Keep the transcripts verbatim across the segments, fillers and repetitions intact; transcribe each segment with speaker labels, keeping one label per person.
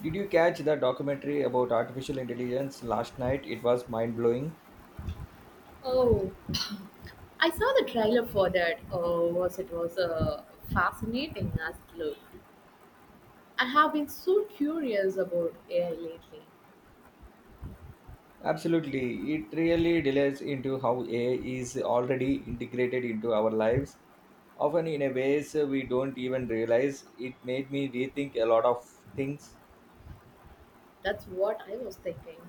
Speaker 1: Did you catch the documentary about artificial intelligence last night? It was mind blowing.
Speaker 2: Oh, I saw the trailer for that. Oh, was it was a fascinating as look. I have been so curious about A I lately.
Speaker 1: Absolutely. It really delves into how A I is already integrated into our lives, often in a ways we don't even realize. It made me rethink a lot of things.
Speaker 2: That's what I was thinking.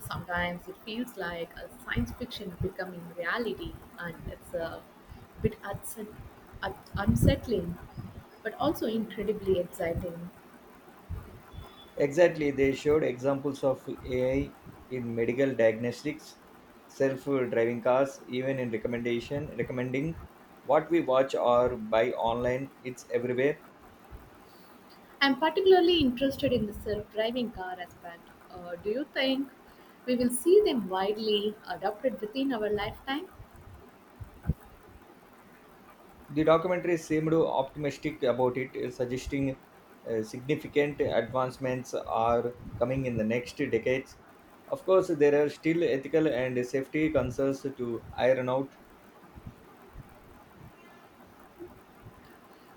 Speaker 2: Sometimes it feels like a science fiction becoming reality, and it's a bit unset- un- unsettling, but also incredibly exciting.
Speaker 1: Exactly. They showed examples of A I in medical diagnostics, self-driving cars, even in recommendation, recommending what we watch or buy online. It's everywhere.
Speaker 2: I'm particularly interested in the self-driving car aspect. Uh, do you think we will see them widely adopted within our lifetime?
Speaker 1: The documentary seemed optimistic about it, uh, suggesting uh, significant advancements are coming in the next decades. Of course, there are still ethical and safety concerns to iron out.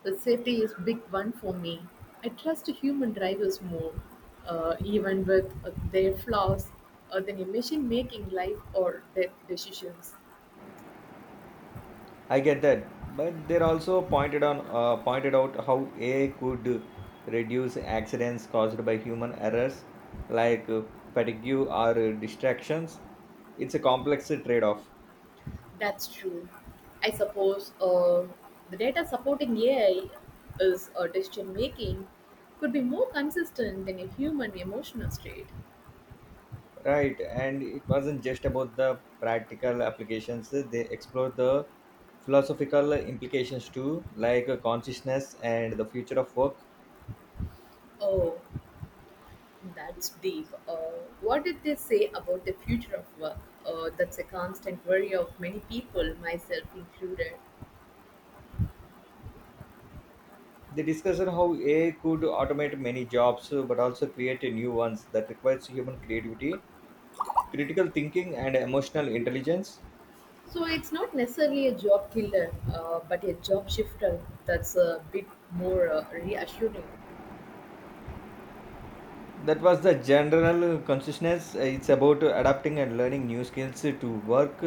Speaker 2: The safety is big one for me. I trust human drivers more, uh, even with uh, their flaws, uh, than a machine making life or death decisions.
Speaker 1: I get that, but they also pointed on uh, pointed out how A I could reduce accidents caused by human errors, like uh, fatigue or distractions. It's a complex trade-off.
Speaker 2: That's true. I suppose uh, the data supporting A I is uh, decision making could be more consistent than a human emotional state.
Speaker 1: Right, and it wasn't just about the practical applications, they explored the philosophical implications too, like consciousness and the future of work.
Speaker 2: Oh, that's deep. Uh, what did they say about the future of work? Uh, that's a constant worry of many people, myself included.
Speaker 1: They discussed how A I could automate many jobs but also create new ones that requires human creativity, critical thinking, and emotional intelligence.
Speaker 2: So it's not necessarily a job killer, uh, but a job shifter that's a bit more uh, reassuring.
Speaker 1: That was the general consciousness. It's about adapting and learning new skills to work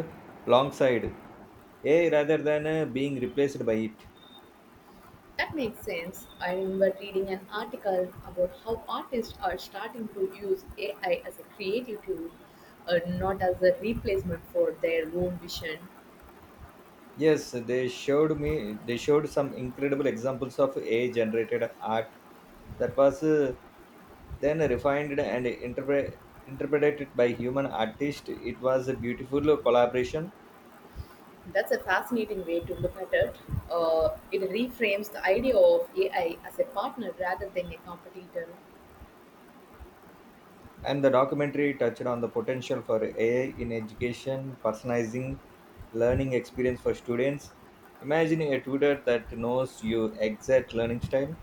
Speaker 1: alongside A I rather than uh, being replaced by it.
Speaker 2: That makes sense. I remember reading an article about how artists are starting to use A I as a creative tool, uh, not as a replacement for their own vision.
Speaker 1: Yes, they showed me. They showed some incredible examples of A I-generated art that was uh, then refined and interpre- interpreted by human artists. It was a beautiful collaboration,
Speaker 2: That's a fascinating way to look at it. Uh, it reframes the idea of A I as a partner rather than a competitor.
Speaker 1: and the documentary touched on the potential for A I in education, personalizing learning experience for students. Imagine a tutor that knows your exact learning style.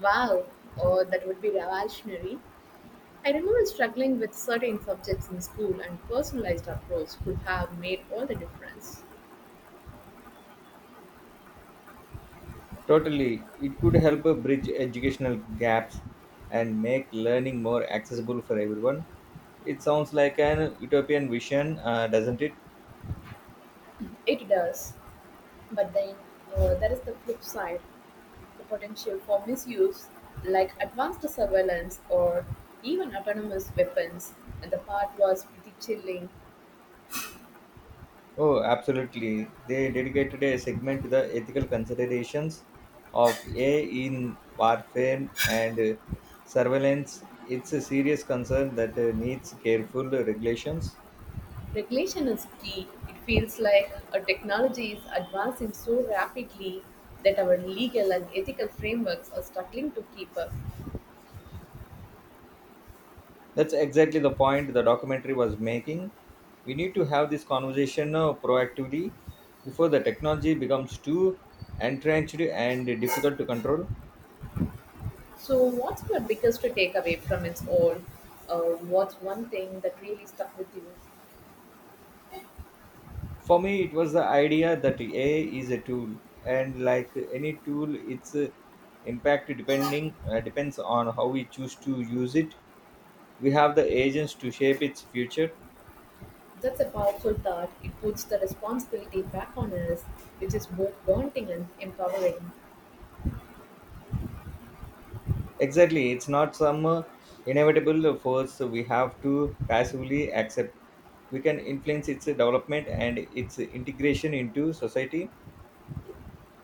Speaker 2: Wow, uh, that would be revolutionary. I remember struggling with certain subjects in school, and personalized approach could have made all the difference.
Speaker 1: Totally, it could help uh, bridge educational gaps and make learning more accessible for everyone. It sounds like an utopian vision, uh, doesn't it?
Speaker 2: It does, but then uh, there is the flip side the potential for misuse, like advanced surveillance or even autonomous weapons. And the part was pretty chilling.
Speaker 1: Oh, absolutely. They dedicated a segment to the ethical considerations of A I in warfare and uh, surveillance. It's a serious concern that uh, needs careful regulations.
Speaker 2: Regulation is key; it feels like our technology is advancing so rapidly that our legal and ethical frameworks are struggling to keep up.
Speaker 1: That's exactly the point the documentary was making. We need to have this conversation uh, proactively before the technology becomes too entrenched and difficult to control.
Speaker 2: So, what's your biggest takeaway from its all? Uh, what's one thing that really stuck with you?
Speaker 1: For me, it was the idea that A I is a tool, and like any tool, its uh, impact depending uh, depends on how we choose to use it. We have the agents to shape its future.
Speaker 2: That's a powerful thought. It puts the responsibility back on us, which is both daunting and empowering.
Speaker 1: Exactly, it's not some uh, inevitable force we have to passively accept. We can influence its development and its integration into society.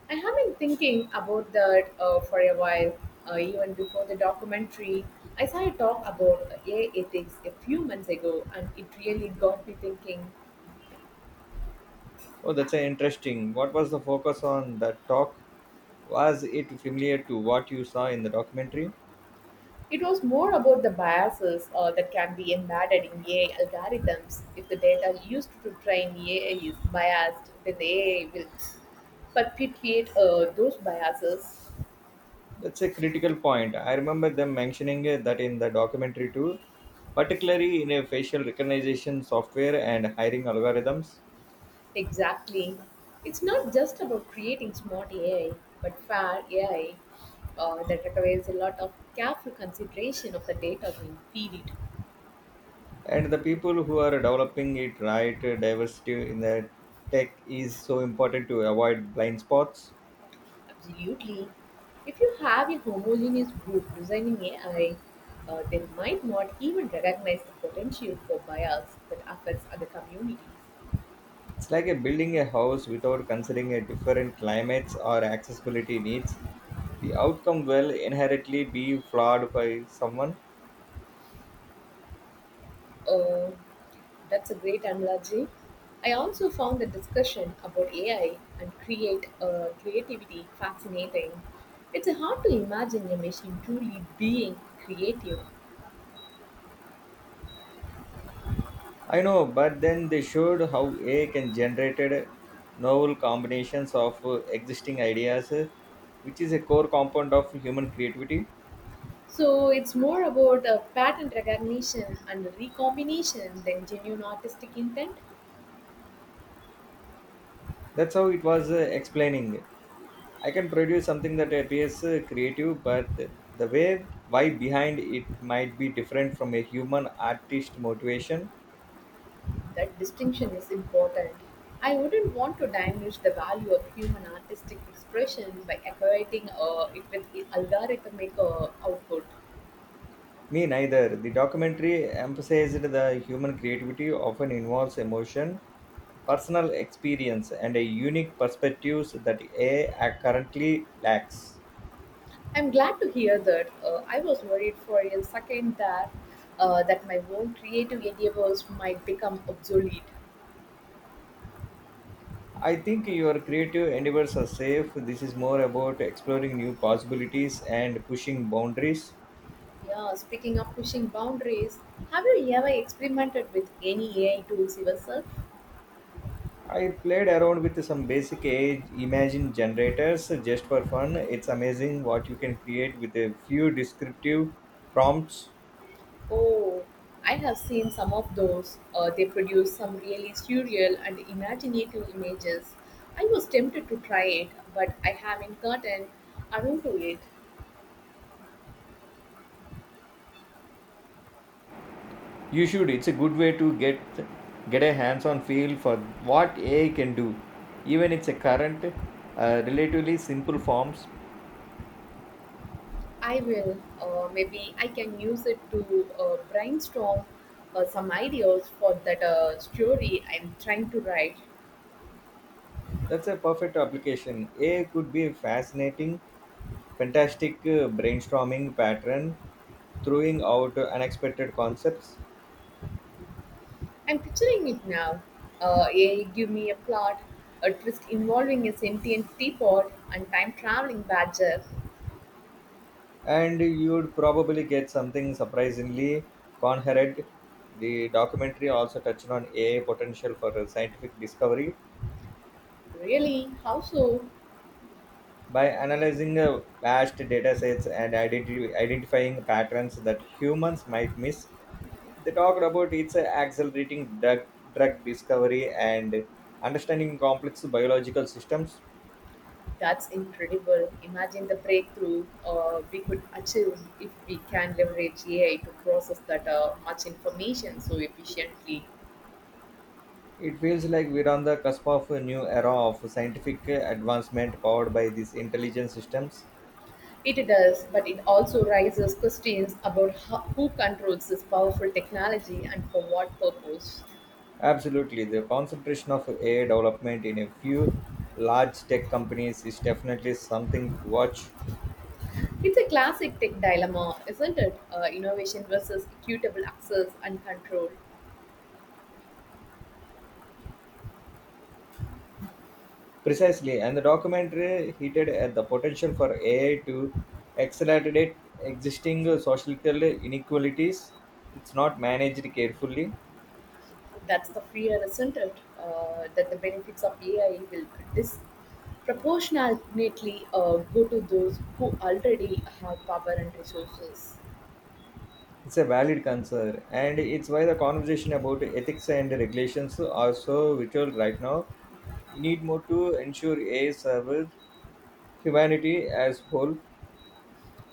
Speaker 2: I have been thinking about that uh, for a while, uh, even before the documentary. I saw a talk about uh, A I ethics a few months ago, and it really got me thinking.
Speaker 1: Oh, that's uh, interesting. What was the focus on the talk? Was it familiar to what you saw in the documentary?
Speaker 2: It was more about the biases uh, that can be embedded in A I algorithms. If the data used to train A I is biased, then the A I will perpetuate uh, those biases.
Speaker 1: That's a critical point. I remember them mentioning uh, that in the documentary too, particularly in a facial recognition software and hiring algorithms.
Speaker 2: Exactly. It's not just about creating smart A I, but fair A I uh, that requires a lot of careful consideration of the data being feed it.
Speaker 1: And the people who are developing it, right? Diversity in the tech is so important to avoid blind spots.
Speaker 2: Absolutely. If you have a homogeneous group designing A I, uh, they might not even recognize the potential for bias that affects other communities.
Speaker 1: It's like a building a house without considering a different climates or accessibility needs. The outcome will inherently be flawed by someone.
Speaker 2: Oh, that's a great analogy. I also found the discussion about A I and create uh, creativity fascinating. It's hard to imagine a machine truly being creative.
Speaker 1: I know, but then they showed how AI can generated novel combinations of uh, existing ideas uh, which is a core component of human creativity.
Speaker 2: So it's more about uh, pattern recognition and recombination than genuine artistic intent.
Speaker 1: That's how it was uh, explaining. I can produce something that appears uh, creative, but the way why behind it might be different from a human artist motivation.
Speaker 2: That distinction is important. I wouldn't want to diminish the value of human artistic expression by equating uh, it with algorithmic uh, output.
Speaker 1: Me neither. The documentary emphasized the human creativity often involves emotion, personal experience, and a unique perspectives that A I currently lacks.
Speaker 2: I'm glad to hear that. Uh, I was worried for a second that uh, that my own creative endeavors might become obsolete.
Speaker 1: I think your creative endeavors are safe. This is more about exploring new possibilities and pushing boundaries.
Speaker 2: Yeah, speaking of pushing boundaries, have you ever experimented with any A I tools yourself?
Speaker 1: I played around with some basic age imagine generators just for fun. It's amazing what you can create with a few descriptive prompts.
Speaker 2: Oh, I have seen some of those. Uh, they produce some really surreal and imaginative images. I was tempted to try it, but I haven't gotten around to it.
Speaker 1: You should. It's a good way to get get a hands-on feel for what A I can do, even it's a current, uh, relatively simple forms.
Speaker 2: I will. Uh, maybe I can use it to uh, brainstorm uh, some ideas for that uh, story I'm trying to write.
Speaker 1: That's a perfect application. A I could be a fascinating, fantastic uh, brainstorming pattern, throwing out unexpected concepts.
Speaker 2: I'm picturing it now. Uh, a, I give me a plot, a twist involving a sentient teapot and time traveling badger.
Speaker 1: And you'd probably get something surprisingly coherent. The documentary also touched on A I potential for uh, scientific discovery
Speaker 2: Really? How so?
Speaker 1: by analyzing uh, vast data sets and identi- identifying patterns that humans might miss. They talked about its uh, accelerating drug, drug discovery and understanding complex biological systems.
Speaker 2: That's incredible. Imagine the breakthrough uh, we could achieve if we can leverage A I to process that uh, much information so efficiently.
Speaker 1: It feels like we're on the cusp of a new era of scientific uh, advancement powered by these intelligent systems.
Speaker 2: It does, but it also raises questions about ho- who controls this powerful technology and for what purpose.
Speaker 1: Absolutely. The concentration of A I development in a few large tech companies is definitely something to watch.
Speaker 2: It's a classic tech dilemma, isn't it? Uh, innovation versus equitable access and control.
Speaker 1: Precisely. And the documentary hinted at the potential for A I to accelerate existing societal inequalities. It's not managed carefully.
Speaker 2: That's the fear, isn't it? Uh, that the benefits of A I will disproportionately uh, go to those who already have power and resources.
Speaker 1: It's a valid concern, and it's why the conversation about ethics and regulations are so vital right now. We need more to ensure A I serves humanity as whole.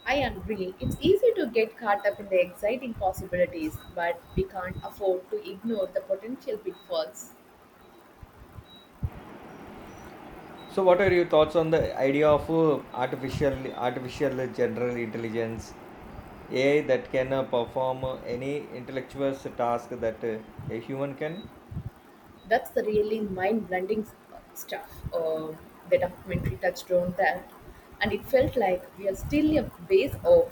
Speaker 2: I agree. It's easy to get caught up in the exciting possibilities, but we can't afford to ignore the potential pitfalls.
Speaker 1: So, what are your thoughts on the idea of uh, artificial artificial general intelligence, A I that can uh, perform uh, any intellectual task that uh, a human can?
Speaker 2: That's the really mind blending stuff uh, the documentary touched on that. And it felt like we are still a ways off,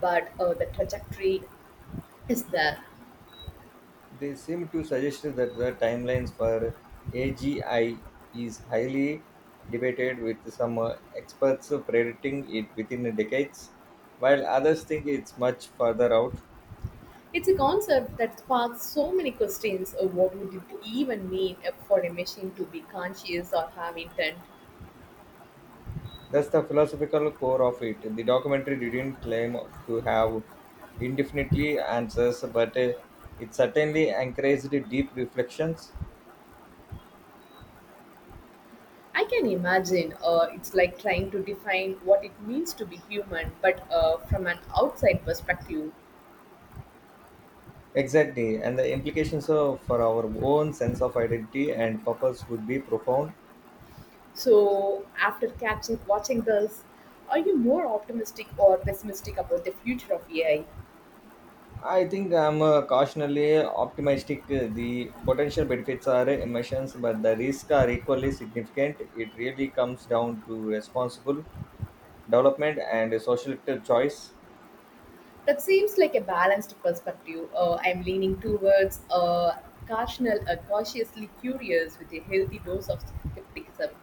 Speaker 2: but uh, the trajectory is there.
Speaker 1: They seem to suggest that the timelines for A G I is highly debated, with some uh, experts predicting it within decades, while others think it's much further out.
Speaker 2: It's a concept that sparks so many questions of what would it even mean for a machine to be conscious or have intent.
Speaker 1: That's the philosophical core of it. The documentary didn't claim to have indefinitely answers, but uh, it certainly encouraged deep reflections.
Speaker 2: I can imagine uh, it's like trying to define what it means to be human, but uh, from an outside perspective.
Speaker 1: Exactly, and the implications of, for our own sense of identity and purpose would be profound.
Speaker 2: So, after catching watching this, are you more optimistic or pessimistic about the future of A I?
Speaker 1: I think I'm uh, cautionally optimistic. Uh, The potential benefits are emissions, but the risks are equally significant. It really comes down to responsible development and social choice.
Speaker 2: That seems like a balanced perspective. Uh, I'm leaning towards uh, cautional, uh, cautiously curious with a healthy dose of skepticism.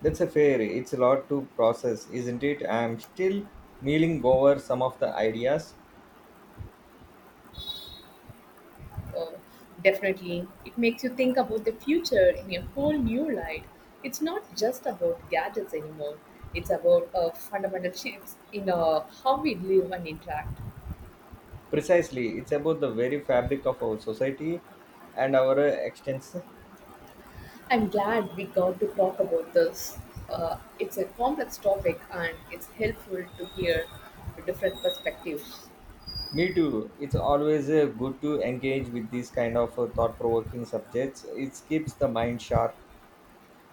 Speaker 1: That's a fair. It's a lot to process, isn't it? I'm still mulling over some of the ideas.
Speaker 2: Uh, definitely, it makes you think about the future in a whole new light. It's not just about gadgets anymore. It's about uh, fundamental shifts in uh, how we live and interact.
Speaker 1: Precisely, it's about the very fabric of our society and our uh, extents.
Speaker 2: I'm glad we got to talk about this. Uh, it's a complex topic and it's helpful to hear different perspectives.
Speaker 1: Me too. It's always uh, good to engage with these kind of uh, thought-provoking subjects. It keeps the mind sharp.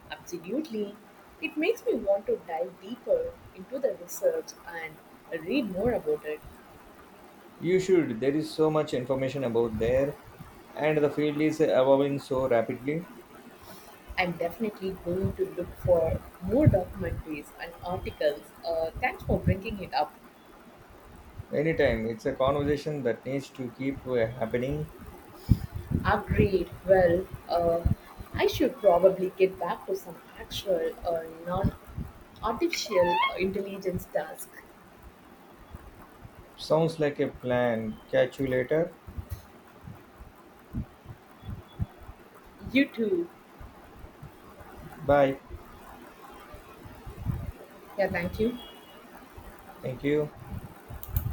Speaker 2: Absolutely. It makes me want to dive deeper into the research and read more about it.
Speaker 1: You should. There is so much information about there, and the field is evolving so rapidly.
Speaker 2: I'm definitely going to look for more documentaries and articles. Uh, thanks for bringing it up.
Speaker 1: Anytime, it's a conversation that needs to keep uh, happening.
Speaker 2: Agreed. Well, uh, I should probably get back to some actual uh, non artificial intelligence task.
Speaker 1: Sounds like a plan. Catch you later.
Speaker 2: You too.
Speaker 1: Bye.
Speaker 2: Yeah, thank you.
Speaker 1: Thank you.